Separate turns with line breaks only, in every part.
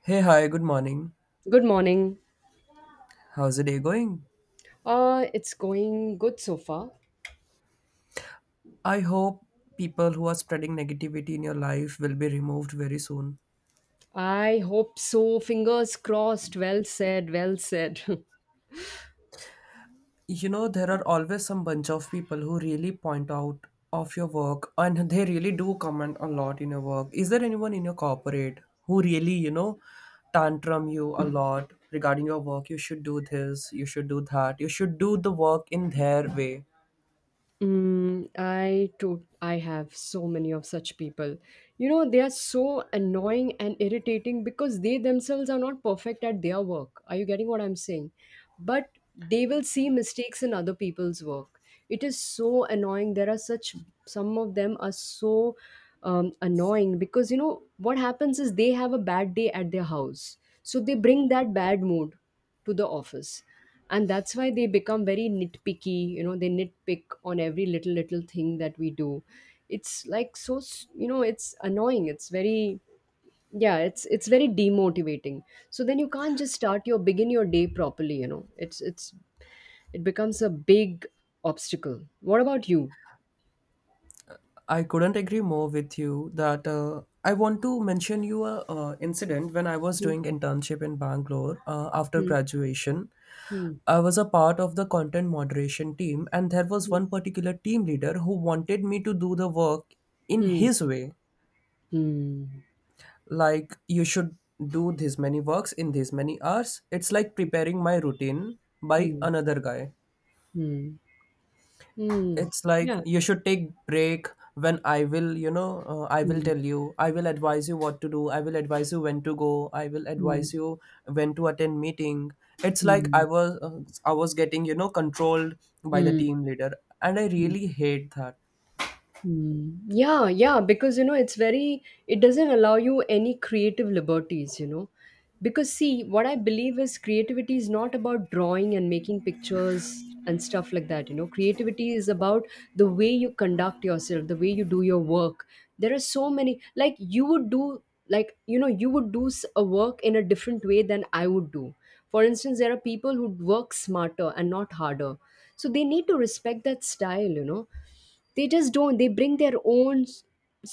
Hey, hi, good morning.
Good morning.
How's the day going?
It's going good so far.
I hope people who are spreading negativity in your life will be removed very soon.
I hope so. Fingers crossed. Well said. Well said.
You know, there are always some bunch of people who really point out of your work and they really do comment a lot in your work. Is there anyone in your corporate who really, you know, tantrum you a lot regarding your work? You should do this, you should do that, you should do the work in their way.
I have so many of such people. They are so annoying and irritating because they themselves are not perfect at their work. Are you getting what I'm saying? But they will see mistakes in other people's work. It is so annoying. There are such, some of them are so annoying, because what happens is, they have a bad day at their house, so they bring that bad mood to the office. And that's why they become very nitpicky. They nitpick on every little little thing that we do. It's like so it's annoying, it's very, yeah, it's very demotivating. So then you can't just start your begin your day properly, it becomes a big obstacle. What about you?
I couldn't agree more with you that I want to mention you a incident when I was
Hmm,
doing internship in Bangalore after
hmm,
graduation.
hmm,
I was a part of the content moderation team and there was
hmm,
one particular team leader who wanted me to do the work in
hmm,
his way.
hmm,
Like you should do this many works in this many hours. It's like preparing my routine by
hmm,
another guy.
hmm. Hmm.
It's like
Yeah.
you should take break when I will, you know, I will
Hmm,
tell you, I will advise you what to do, I will advise you when to go, I will
hmm,
advise you when to attend meeting. It's like
hmm,
I was I was getting, you know, controlled by the
hmm, hmm.
team leader and I
Hmm.
really hate that.
Mm. Yeah, yeah, because it's very, it doesn't allow you any creative liberties. Because, see, what I believe is creativity is not about drawing and making pictures and stuff like that. Creativity is about the way you conduct yourself, the way you do your work. There are so many, like, you would do, like, you would do a work in a different way than I would do. For instance, there are people who work smarter and not harder. So they need to respect that style. They just don't they bring their own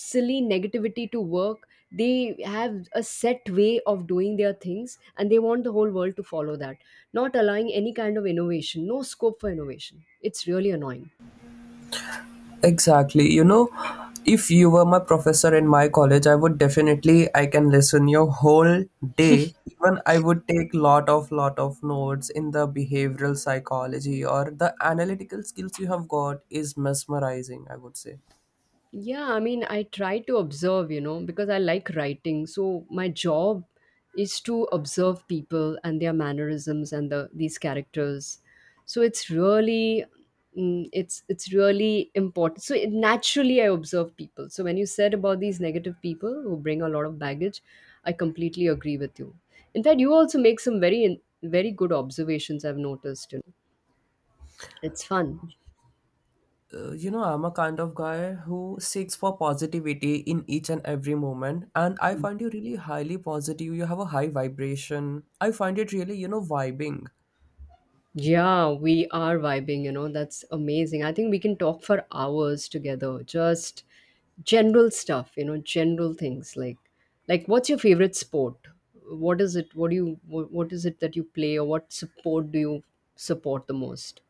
silly negativity to work. They have a set way of doing their things and they want the whole world to follow that, not allowing any kind of innovation, no scope for innovation. It's really annoying.
Exactly. You know, if you were my professor in my college, I would definitely I can listen your whole day. Even I would take lot of notes in the behavioral psychology or the analytical skills you have got is mesmerizing, I would say.
Yeah, I mean, I try to observe, because I like writing. So my job is to observe people and their mannerisms and these characters. So it's really, it's really important. So naturally I observe people. So when you said about these negative people who bring a lot of baggage, I completely agree with you. In fact, you also make some very very good observations I've noticed. It's fun.
You know, I'm a kind of guy who seeks for positivity in each and every moment and I find you really highly positive. You have a high vibration. I find it really, you know, vibing.
Yeah, we are vibing, that's amazing. I think we can talk for hours together. Just general stuff, general things like what's your favorite sport? What is it? What is it that you play, or what sport do you support the most?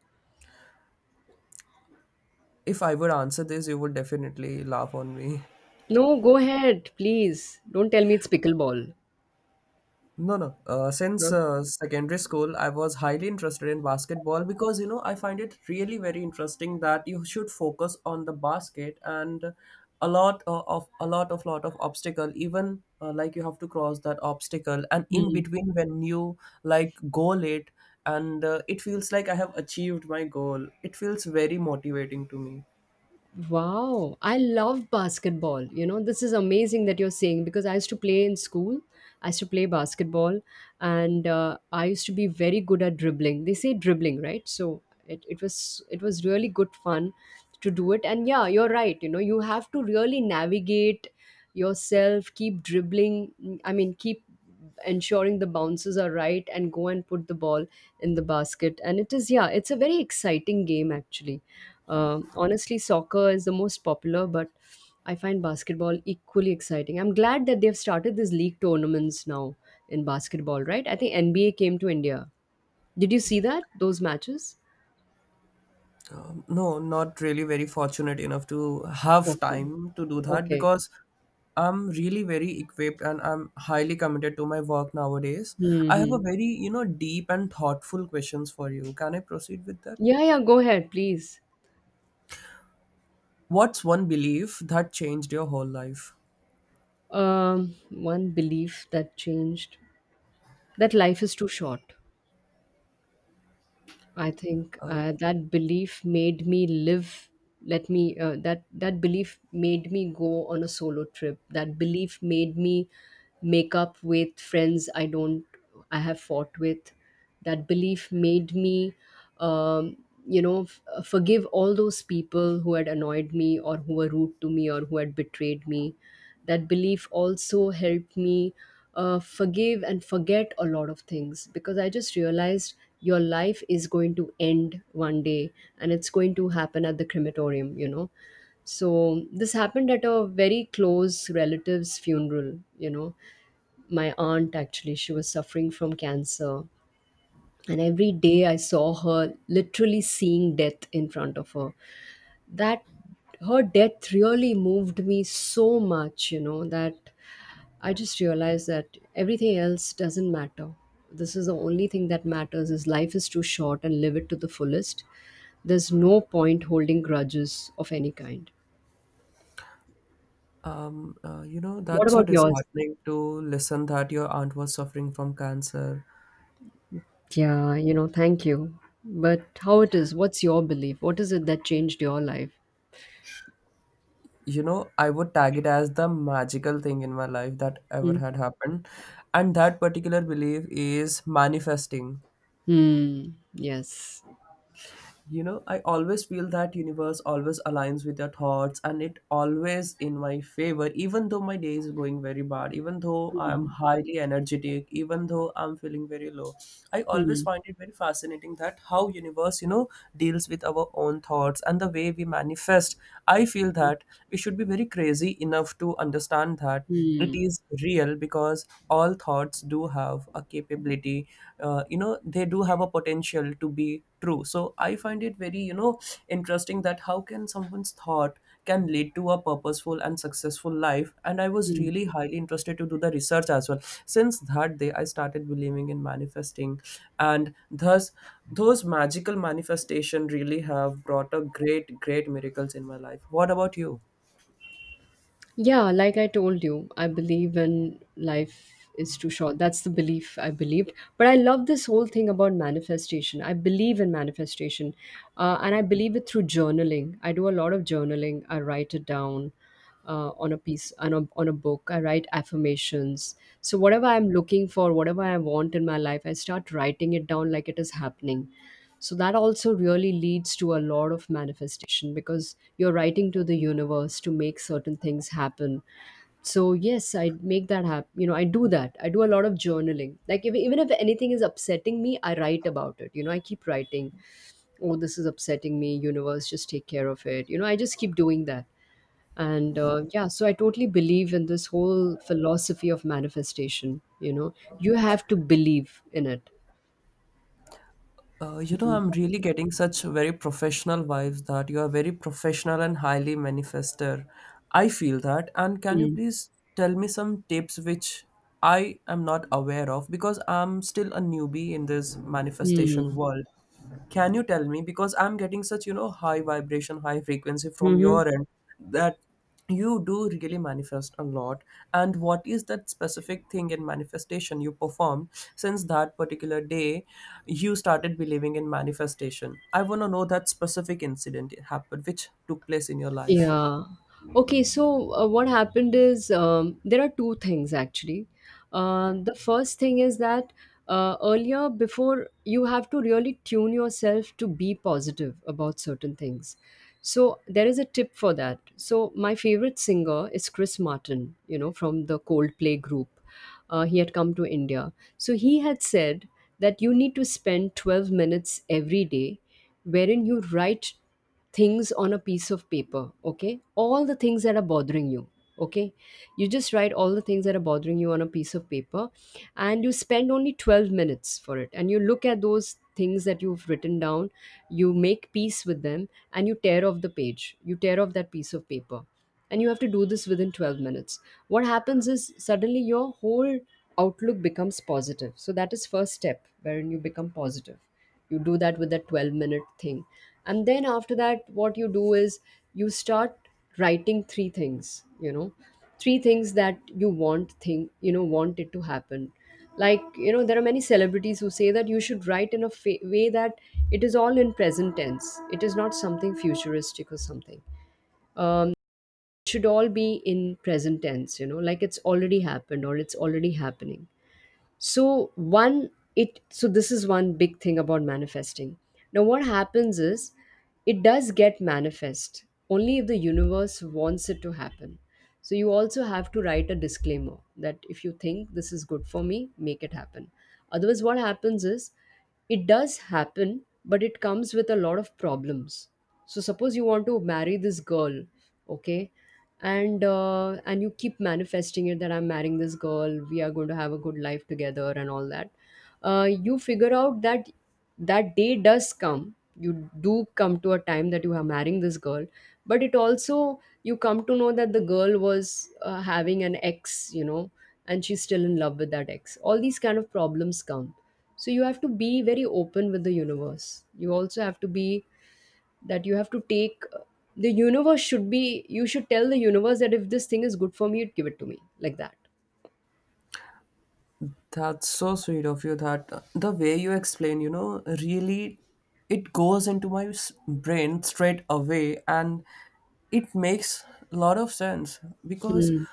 If I would answer this, you would definitely laugh on me.
No, go ahead, please. Don't tell me it's pickleball.
No, no. Since
Huh?
secondary school, I was highly interested in basketball because you know I find it really very interesting that you should focus on the basket and a lot of a lot of obstacle. Even like you have to cross that obstacle, and in
Hmm.
between when you like goal it, and it feels like I have achieved my goal. It feels very motivating to me.
Wow, I love basketball. This is amazing that you're saying, because I used to play in school. I used to play basketball, and I used to be very good at dribbling. They say dribbling, right? So it was really good fun to do it. And yeah, you're right. You have to really navigate yourself, keep dribbling. I mean, keep ensuring the bounces are right and go and put the ball in the basket. And yeah, it's a very exciting game, actually. Honestly, soccer is the most popular, but I find basketball equally exciting. I'm glad that they've started these league tournaments now in basketball, right? I think NBA came to India. Did you see that? Those matches?
No, not really very fortunate enough to have
Okay.
time to do that
Okay.
because I'm really very equipped and I'm highly committed to my work nowadays. I have a
Mm-hmm.
very, you know, deep and thoughtful questions for you. Can I proceed with that?
Yeah, yeah, go ahead, please.
What's one belief that changed your whole life?
One belief that changed, that life is too short. I think
Oh,
that belief made me live. Let me That belief made me go on a solo trip. That belief made me make up with friends I don't I have fought with. That belief made me, forgive all those people who had annoyed me, or who were rude to me, or who had betrayed me. That belief also helped me forgive and forget a lot of things, because I just realized your life is going to end one day, and it's going to happen at the crematorium. So this happened at a very close relative's funeral. My aunt actually, she was suffering from cancer. And every day I saw her literally seeing death in front of her. That her death really moved me so much that I just realized that everything else doesn't matter. This is the only thing that matters, is life is too short and live it to the fullest. There's no point holding grudges of any kind.
you know,
What
that's so
about yours?
disheartening to listen that your aunt was suffering from cancer.
Yeah, thank you. But what's your belief? What is it that changed your life?
You know, I would tag it as the magical thing in my life that ever
Hmm.
had happened and that particular belief is manifesting.
Hmm. Yes.
You know, I always feel that universe always aligns with your thoughts and it always in my favor, even though my day is going very bad, even though I'm
Hmm.
highly energetic, even though I'm feeling very low. I always
Hmm.
find it very fascinating that how universe, you know, deals with our own thoughts and the way we manifest. I feel that we should be very crazy enough to understand that it
Hmm.
is real because all thoughts do have a capability. You know, they do have a potential to be true. So I find it very, you know, interesting that how can someone's thought can lead to a purposeful and successful life. And I was
Hmm.
really highly interested to do the research as well. Since that day, I started believing in manifesting, and thus those magical manifestation really have brought a great, great miracles in my life. What about you?
Yeah, like I told you, I believe in life is too short. That's the belief I believed. But I love this whole thing about manifestation. I believe in manifestation. And I believe it through journaling. I do a lot of journaling. I write it down on a piece, on a book. I write affirmations. So whatever I'm looking for, whatever I want in my life, I start writing it down like it is happening, so that also really leads to a lot of manifestation, because you're writing to the universe to make certain things happen. So yes, I make that happen. I do that. I do a lot of journaling. Like, if, even if anything is upsetting me, I write about it. I keep writing, oh, this is upsetting me, universe, just take care of it. I just keep doing that. And yeah, so I totally believe in this whole philosophy of manifestation. You have to believe in it.
You know,
Mm.
I'm really getting such very professional vibes that you are very professional and highly manifester. I feel that. And can you
Mm.
please tell me some tips which I am not aware of because I'm still a newbie in this manifestation
Mm.
world. Can you tell me? Because I'm getting such, you know, high vibration, high frequency from
Mhm.
your end that you do really manifest a lot and what is that specific thing in manifestation you performed since that particular day you started believing in manifestation. I want to know that specific incident it happened which took place in your life.
Yeah. Okay, so what happened is, there are two things actually. The first thing is that, earlier, before you have to really tune yourself to be positive about certain things. So there is a tip for that. So my favorite singer is Chris Martin, from the Coldplay group. He had come to India. So he had said that you need to spend 12 minutes every day, wherein you write things on a piece of paper, okay? All the things that are bothering you, okay? You just write all the things that are bothering you on a piece of paper, and you spend only 12 minutes for it, and you look at those things that you've written down. You make peace with them, and you tear off the page, you tear off that piece of paper. And you have to do this within 12 minutes. What happens is, suddenly your whole outlook becomes positive. So that is first step wherein you become positive. You do that with that 12-minute thing. And then after that, what you do is, you start writing three things, you know three things that you want, thing you know want it to happen. Like, there are many celebrities who say that you should write in a way that it is all in present tense. It is not something futuristic or something. Uh, should all be in present tense, like it's already happened or it's already happening. So one it so this is one big thing about manifesting. Now what happens is, it does get manifest only if the universe wants it to happen. So you also have to write a disclaimer that, if you think this is good for me, make it happen. Otherwise what happens is, it does happen but it comes with a lot of problems. So suppose you want to marry this girl, okay, and you keep manifesting it that, I'm marrying this girl, we are going to have a good life together, and all that. You figure out that that day does come, you do come to a time that you are marrying this girl, but it also, you come to know that the girl was having an ex, and she's still in love with that ex. All these kind of problems come. So you have to be very open with the universe. You also have to be, that you have to take the universe should be you should tell the universe that, if this thing is good for me, it give it to me like that.
That's so sweet of you that the way you explain, you know, really it goes into my brain straight away and it makes a lot of sense because
Hmm.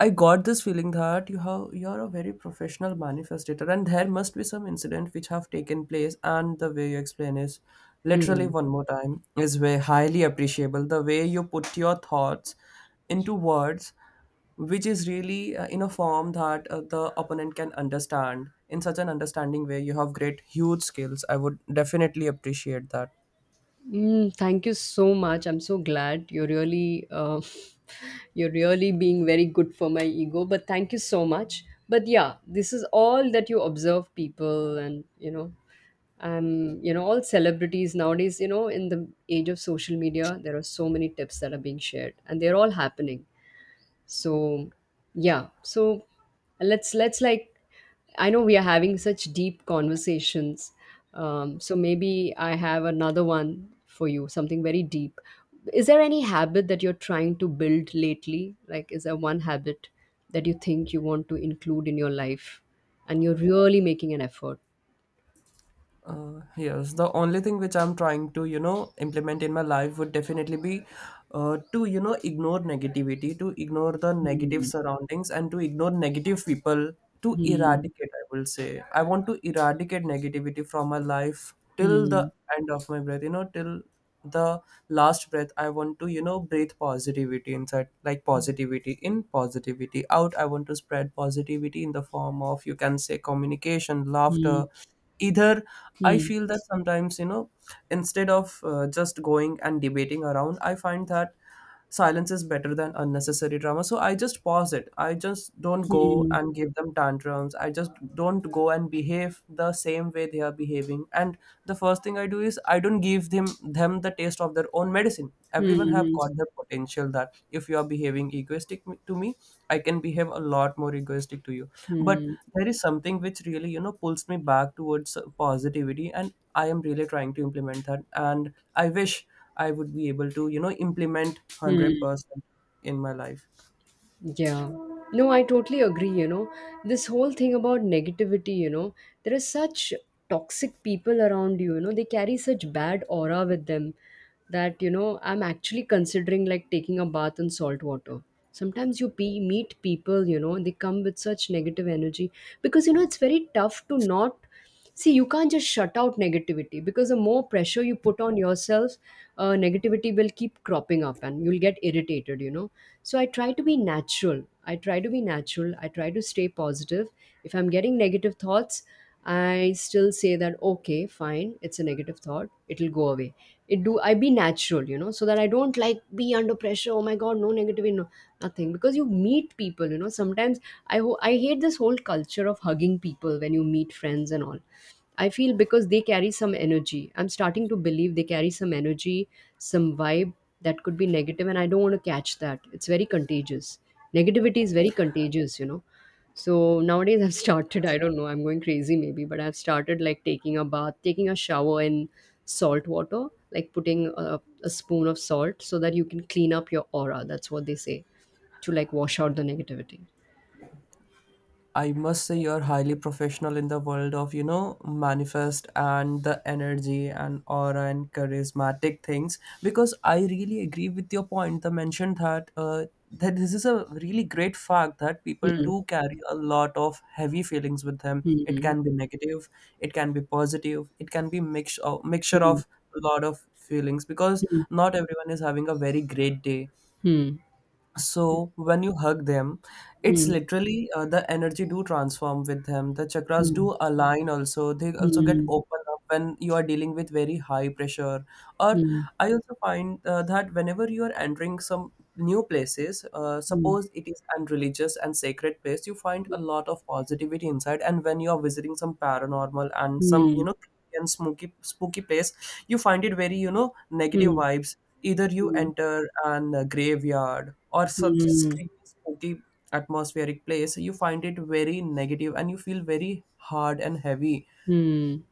I got this feeling that you have you're a very professional manifestator and there must be some incident which have taken place and the way you explain is literally
Hmm.
one more time is very highly appreciable, the way you put your thoughts into words, which is really in a form that the opponent can understand in such an understanding way. You have great huge skills, I would definitely appreciate that.
Mm, thank you so much. I'm so glad you're really you're really being very good for my ego. But thank you so much. But yeah, this is all that you observe people, and all celebrities nowadays. You know, in the age of social media, there are so many tips that are being shared, and they're all happening so yeah so let's like I know we are having such deep conversations. So maybe I have another one for you, something very deep. Is there any habit that you're trying to build lately? Like, is there one habit that you think you want to include in your life and you're really making an effort?
Yes, the only thing which I'm trying to, you know, implement in my life would definitely be to, you know, ignore negativity, to ignore the negative
Hmm.
surroundings, and to ignore negative people, to
Hmm.
eradicate, I will say. I want to eradicate negativity from my life till
Hmm.
the end of my breath, you know, till the last breath. I want to, you know, breathe positivity inside, like positivity in, positivity out. I want to spread positivity in the form of, you can say, communication,
Hmm.
laughter either. I
Hmm.
feel that sometimes, you know, instead of just going and debating around, I find that silence is better than unnecessary drama. So I just pause it, I just don't go
Hmm.
and give them tantrums, I just don't go and behave the same way they are behaving. And the first thing I do is I don't give them the taste of their own medicine.
Hmm.
Everyone have
Hmm.
got the potential that if you are behaving egoistic to me, I can behave a lot more egoistic to you. But
Hmm.
there is something which really, you know, pulls me back towards positivity, and I am really trying to implement that, and I wish I would be able to, you know, implement
Hmm.
100% in my life.
Yeah. No, I totally agree. You know, this whole thing about negativity, you know, there are such toxic people around you, you know, they carry such bad aura with them that, you know, I'm actually considering like taking a bath in salt water. Sometimes you meet people, you know, they come with such negative energy because, you know, it's very tough to not see. You can't just shut out negativity, because the more pressure you put on yourself, negativity will keep cropping up and you'll get irritated, you know. So I try to be natural. I try to be natural. I try to stay positive. If I'm getting negative thoughts, I still say that okay, fine, it's a negative thought. It'll go away. It do I be natural, you know, so that I don't like be under pressure. Oh my god, no negativity, no nothing. Because you meet people, you know. Sometimes I hate this whole culture of hugging people when you meet friends and all. I feel because they carry some energy. I'm starting to believe they carry some energy, some vibe that could be negative, and I don't want to catch that. It's very contagious. Negativity is very contagious, you know. So nowadays I've started, I don't know, I'm going crazy maybe, but I've started like taking a bath, taking a shower in salt water, like putting a spoon of salt so that you can clean up your aura. That's what they say, to like wash out the negativity.
I must say you're highly professional in the world of, you know, manifest and the energy and aura and charismatic things because I really agree with your point. The mention that that this is a really great fact that people
Hmm.
do carry a lot of heavy feelings with them. It
Hmm.
can be negative, it can be positive, it can be mixture
Hmm.
of a lot of feelings because
Hmm.
not everyone is having a very great day.
Hmm.
So when you hug them, it's
Hmm.
literally the energy do transform with them. The chakras
Hmm.
do align also. They also get
Hmm.
open up when you are dealing with very high pressure. Or
Hmm.
I also find that whenever you are entering some new places,
Mm.
suppose it is an religious and sacred place, you find a lot of positivity inside. And when you are visiting some paranormal and some, you
Mm.
know, and spooky place, you find it very, you know, negative
Mm.
vibes. Either you
Mm.
enter an graveyard or such
Mm.
screamy, spooky, atmospheric place, you find it very negative and you feel very hard and heavy.
Mm.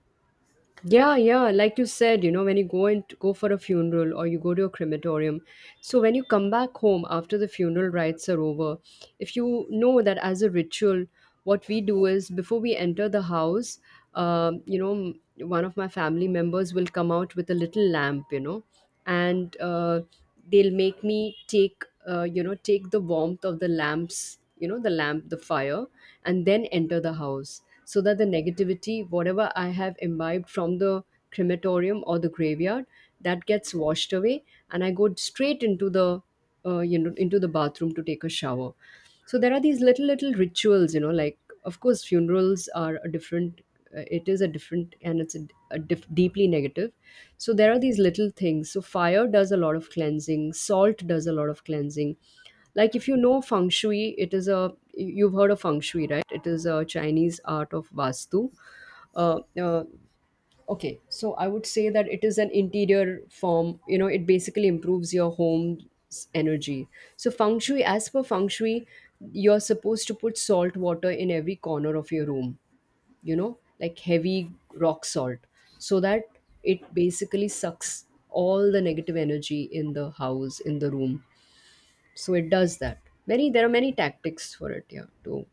Yeah, yeah. Like you said, you know, when you go and go for a funeral or you go to a crematorium, so when you come back home after the funeral rites are over, if you know, that as a ritual, what we do is before we enter the house, you know, one of my family members will come out with a little lamp, you know, and they'll make me take, you know, take the warmth of the lamps, you know, the lamp, the fire, and then enter the house so that the negativity, whatever I have imbibed from the crematorium or the graveyard, that gets washed away, and I go straight into the you know, into the bathroom to take a shower. So there are these little rituals, you know, like of course funerals are a different, it is a different, and it's a, a deeply negative. So there are these little things. So fire does a lot of cleansing, salt does a lot of cleansing. Like if you know feng shui, it is a, you've heard of feng shui, right? It is a Chinese art of vastu. Uh, uh, okay, so I would say that it is an interior form. You know, it basically improves your home's energy. So feng shui, as per feng shui, you're supposed to put salt water in every corner of your room, you know, like heavy rock salt, so that it basically sucks all the negative energy in the house, in the room. So it does that. Many There are many tactics for it, yeah, to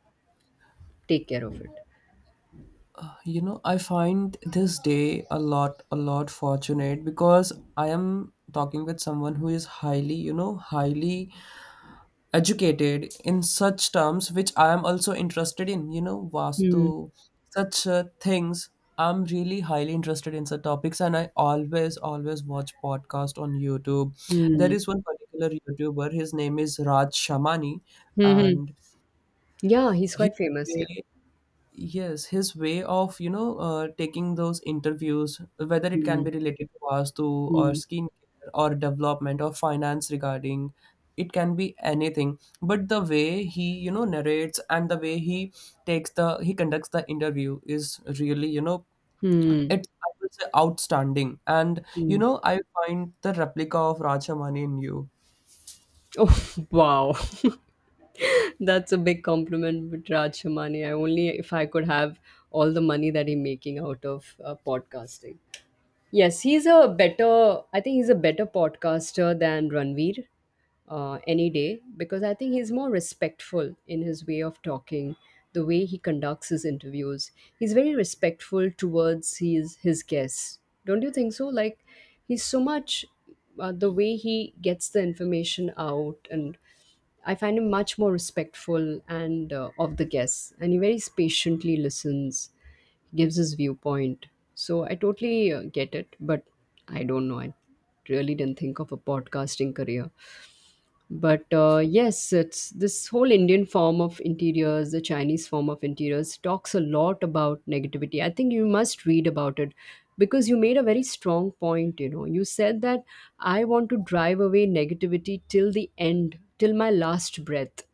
take care of it.
You know, I find this day a lot fortunate because I am talking with someone who is highly, you know, highly educated in such terms which I am also interested in, you know, Vastu,
Hmm.
such things. I'm really highly interested in such topics, and I always always watch podcast on YouTube. There
Hmm.
is one particular YouTuber, his name is Raj Shamani,
Hmm.
and
Yeah, he's
he—
quite famous. Yeah.
Yes, his way of, you know, taking those interviews, whether it can
Hmm.
be related to Vastu or
Hmm.
skincare or development or finance regarding, it can be anything. But the way he, you know, narrates and the way he takes the, he conducts the interview is really, you know,
Hmm.
it's, I would say, outstanding. And, you
Hmm.
know, I find the replica of Rajamani in you.
Oh, wow, that's a big compliment, with Raj Hamani. I only, if I could have all the money that he's making out of podcasting. Yes, he's a better. I think he's a better podcaster than Ranveer, any day, because I think he's more respectful in his way of talking, the way he conducts his interviews. He's very respectful towards his guests. Don't you think so? Like, he's so much, the way he gets the information out. And I find him much more respectful and, of the guests, and he very patiently listens, gives his viewpoint. So I totally get it, but I don't know. I really didn't think of a podcasting career, but yes, it's this whole Indian form of interiors, the Chinese form of interiors, talks a lot about negativity. I think you must read about it, because you made a very strong point, you know. You said that I want to drive away negativity till the end, till my last breath.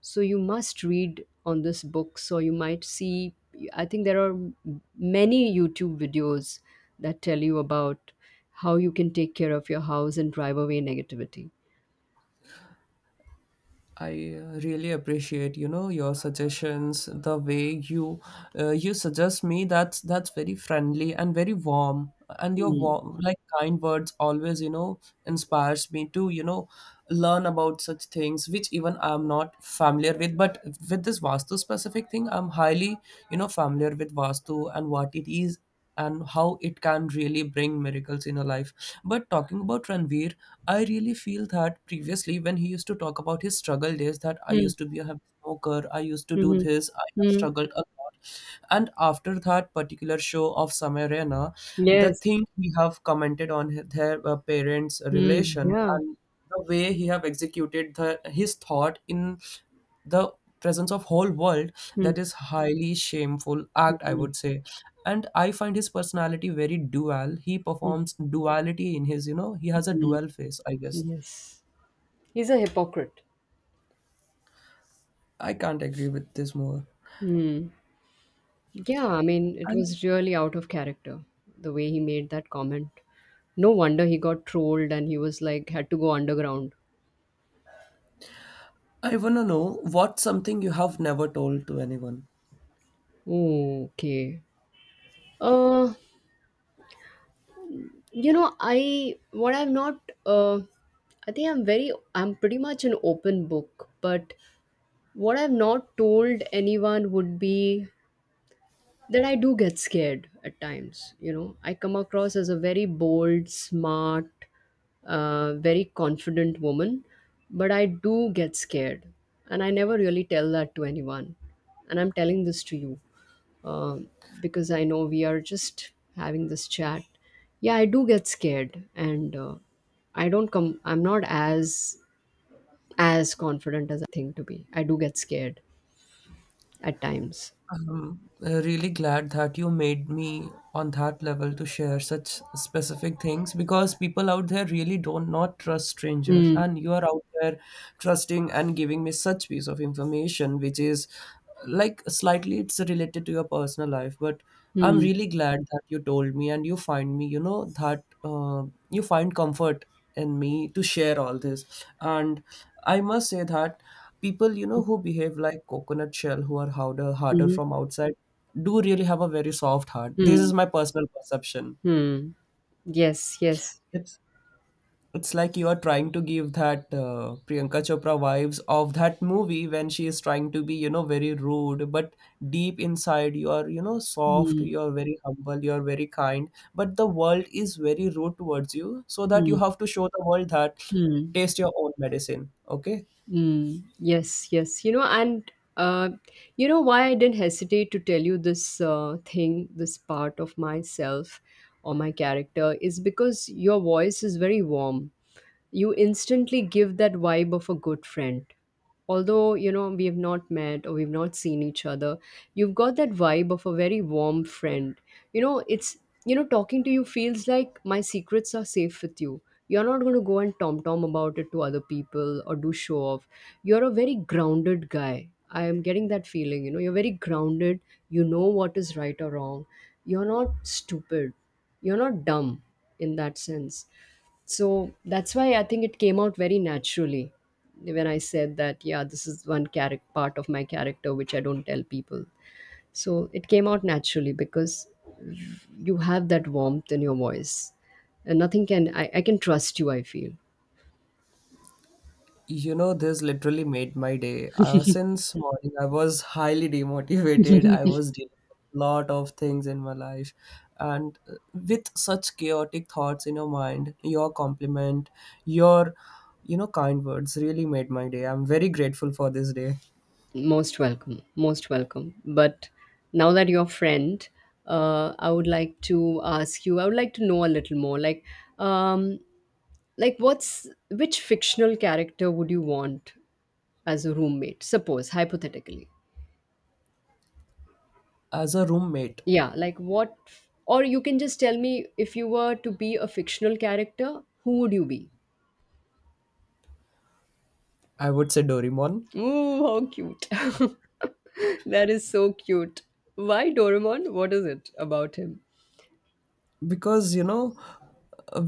So you must read on this book, so you might see, I think there are many YouTube videos that tell you about how you can take care of your house and drive away negativity.
I really appreciate, you know, your suggestions, the way you you suggest me, that's very friendly and very warm, and your
Hmm.
warm like kind words always, you know, inspires me to, you know, learn about such things which even I'm not familiar with. But with this Vastu specific thing I'm highly, you know, familiar with Vastu and what it is and how it can really bring miracles in a life. But talking about Ranveer, I really feel that previously when he used to talk about his struggle days that I used to be a heavy smoker, I used to do
Mhm.
this, I have
Mm.
struggled a lot. And after that particular show of Samarena, the
Yes.
thing he have commented on their parents'
Mm.
relation
Yeah.
and the way he have executed his thought in the presence of whole world,
Mm.
that is highly shameful act, I
Mm.
would say. And I find his personality very dual. He
Mm.
performs duality in his he has a
Mm.
dual face, I guess.
Yes. He's a hypocrite.
I can't agree with this more.
Mm. Yeah, I mean, it
And
was really out of character the way he made that comment. No wonder he got trolled, and he was like had to go underground.
I want to know, what's something you have never told to anyone?
Okay. Uh, you know, I what I've not I think I'm very, I'm pretty much an open book, but what I've not told anyone would be that I do get scared at times. You know, I come across as a very bold, smart, very confident woman, but I do get scared. And I never really tell that to anyone. And I'm telling this to you, um, because I know we are just having this chat. Yeah, I do get scared. And I don't come, I'm not as, as confident as I think to be. I do get scared at times.
I'm really glad that you made me on that level to share such specific things, because people out there really don't not trust strangers,
Mm.
and you are out there trusting and giving me such piece of information, which is like slightly it's related to your personal life. But I'm
Mm.
really glad that you told me and you find me, that you find comfort in me to share all this. And I must say that people, who behave like coconut shell, who are harder
Mm.
from outside, do really have a very soft heart. This
Mm.
is my personal perception.
Hmm. Yes, yes.
it's it's like you are trying to give that Priyanka Chopra vibes of that movie when she is trying to be, very rude, but deep inside you are, soft,
Hmm.
you are very humble, you are very kind, but the world is very rude towards you, so that you
Hmm.
have to show the world that
Hmm.
taste your own medicine. Okay.
Mm. Yes, yes. You know, and uh, you know why I didn't hesitate to tell you this thing, this part of myself or my character, is because your voice is very warm. You instantly give that vibe of a good friend, although you know we have not met or we've not seen each other. You've got that vibe of a very warm friend. You know, it's, you know, talking to you feels like my secrets are safe with you. You're not going to go and tom tom about it to other people or do show off. You're a very grounded guy, I am getting that feeling, you know. You're very grounded, you know what is right or wrong. You're not stupid, you're not dumb, in that sense. So that's why I think it came out very naturally when I said that, yeah, this is one character, part of my character, which I don't tell people. So it came out naturally because you have that warmth in your voice. And nothing can, I can trust you, I feel.
You know, this literally made my day. Since morning, I was highly demotivated. I was dealing with a lot of things in my life, and with such chaotic thoughts in your mind, your compliment, your, kind words really made my day. I'm very grateful for this day.
Most welcome. Most welcome. But now that you're a friend, I would like to ask you, I would like to know a little more. Um, like what's, which fictional character would you want as a roommate, suppose hypothetically?
As a roommate,
Yeah, like what, or you can just tell me, if you were to be a fictional character, who would you be?
I would say Doraemon.
Ooh, how cute. That is so cute. Why Doraemon? What is it about him?
Because you know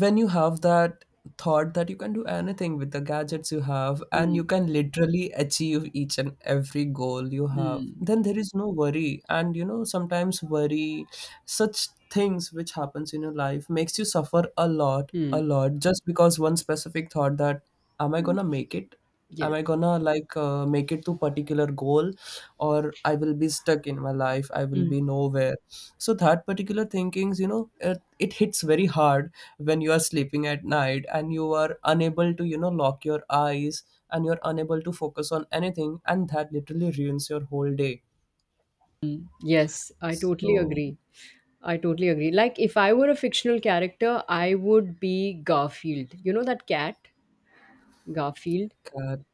when you have that thought that you can do anything with the gadgets you have and
Mm.
you can literally achieve each and every goal you have,
Mm.
then there is no worry. And you know, sometimes worry, such things which happens in your life, makes you suffer a lot
Mm.
a lot, just because one specific thought that am I
Mm.
gonna make it? Am
Yes.
I gonna like make it to particular goal, or I will be stuck in my life, I will
Mm.
be nowhere? So that particular thinkings, you know, it hits very hard when you are sleeping at night and you are unable to, you know, lock your eyes, and you're unable to focus on anything, and that literally ruins your whole day.
Mm. Yes, I totally
So
agree. Like, if I were a fictional character, I would be Garfield. You know that cat, Garfield?
god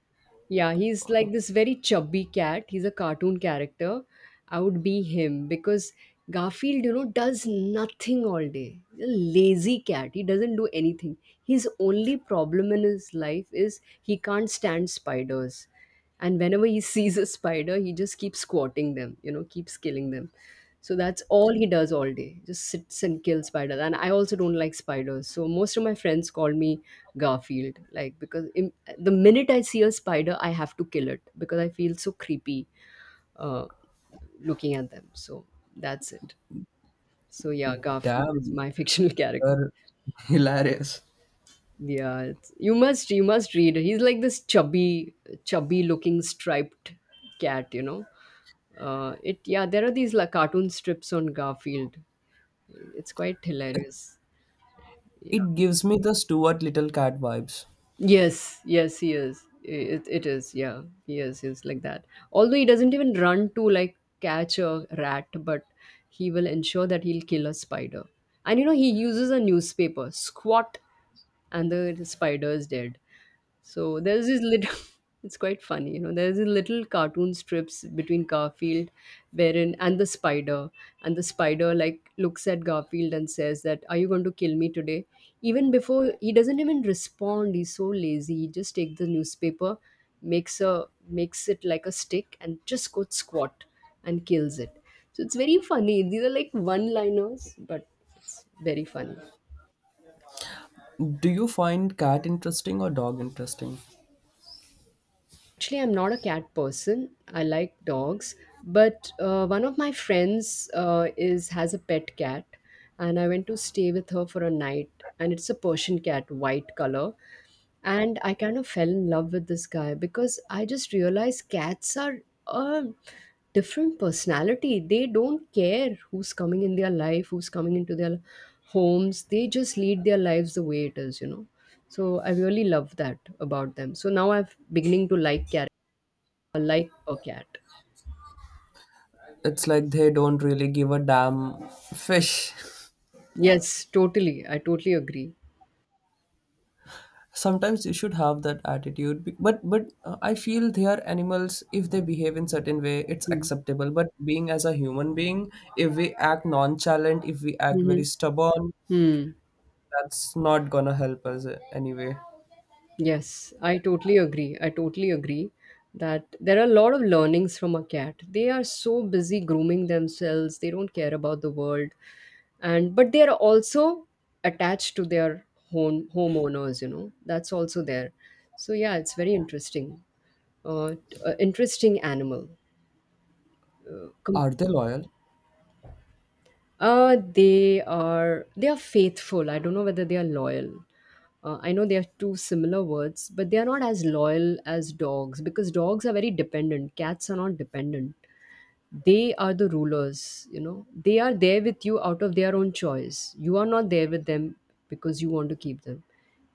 Yeah, he's like this very chubby cat. He's a cartoon character. I would be him because Garfield, you know, does nothing all day. He's a lazy cat. He doesn't do anything. His only problem in his life is he can't stand spiders. And whenever he sees a spider, he just keeps squatting them, you know, keeps killing them. So that's all he does all day. Just sits and kills spiders. And I also don't like spiders. So most of my friends call me Garfield, like because im, the minute I see a spider, I have to kill it because I feel so creepy uh, looking at them. So that's it. So yeah, Garfield is
damn,
my fictional character.
you're hilarious.
Yeah, it's, you must, you must read. He's like this chubby, chubby looking striped cat. You know, it, yeah. There are these like cartoon strips on Garfield. It's quite hilarious. Yeah.
It gives me the Stuart Little cat vibes.
Yes, yes, he is. It is, yeah. He is, he's like that. Although he doesn't even run to like catch a rat, but he will ensure that he'll kill a spider. And you know, he uses a newspaper, squat, and the spider is dead. So there's this little, it's quite funny, you know, there's a little cartoon strips between Garfield, wherein, and the spider. And the spider, like, looks at Garfield and says that, are you going to kill me today? Even before, he doesn't even respond. He's so lazy. He just takes the newspaper, makes a makes it like a stick, and just goes squat and kills it. So it's very funny. These are like one liners, but it's very funny.
Do you find cat interesting or dog interesting?
Actually, I'm not a cat person. I like dogs, but one of my friends is has a pet cat, and I went to stay with her for a night. And it's a Persian cat, white color. And I kind of fell in love with this guy because I just realized cats are a different personality. They don't care who's coming in their life, who's coming into their homes. They just lead their lives the way it is, you know. So I really love that about them. So now I'm beginning to like cats, like a cat.
It's like they don't really give a damn fish.
Yes, totally. I totally agree.
Sometimes you should have that attitude. But I feel they are animals. If they behave in certain way, it's
Mm.
acceptable. But being as a human being, if we act nonchalant, if we act very
Mhm.
stubborn,
Hmm.
that's not gonna help us anyway.
Yes, I totally agree. That there are a lot of learnings from a cat. They are so busy grooming themselves, they don't care about the world. And but they are also attached to their homeowners, you know. That's also there. So yeah, it's very interesting. Interesting animal. Com-
Are they loyal?
They are, they are faithful. I don't know whether they are loyal. I know they are two similar words, but they are not as loyal as dogs because dogs are very dependent. Cats are not dependent. They are the rulers, you know. They are there with you out of their own choice. You are not there with them because you want to keep them.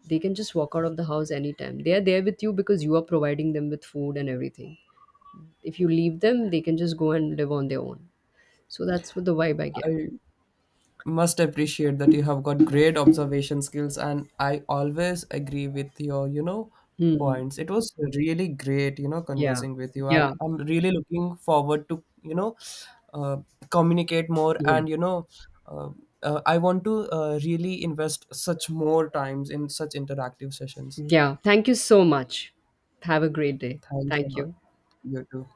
They can just walk out of the house anytime. They are there with you because you are providing them with food and everything. If you leave them, they can just go and live on their own. So that's what the vibe I get.
I must appreciate that you have got great observation skills, and I always agree with your, you know,
Hmm.
points. It was really great, you know,
Yeah.
conversing with you, and
Yeah.
I'm really looking forward to, you know, uh, communicate more,
Yeah.
and you know, uh, I want to really invest such more times in such interactive sessions.
Yeah. Thank you so much. Have a great day.
Thanks a
Thank
lot.
you.
You too.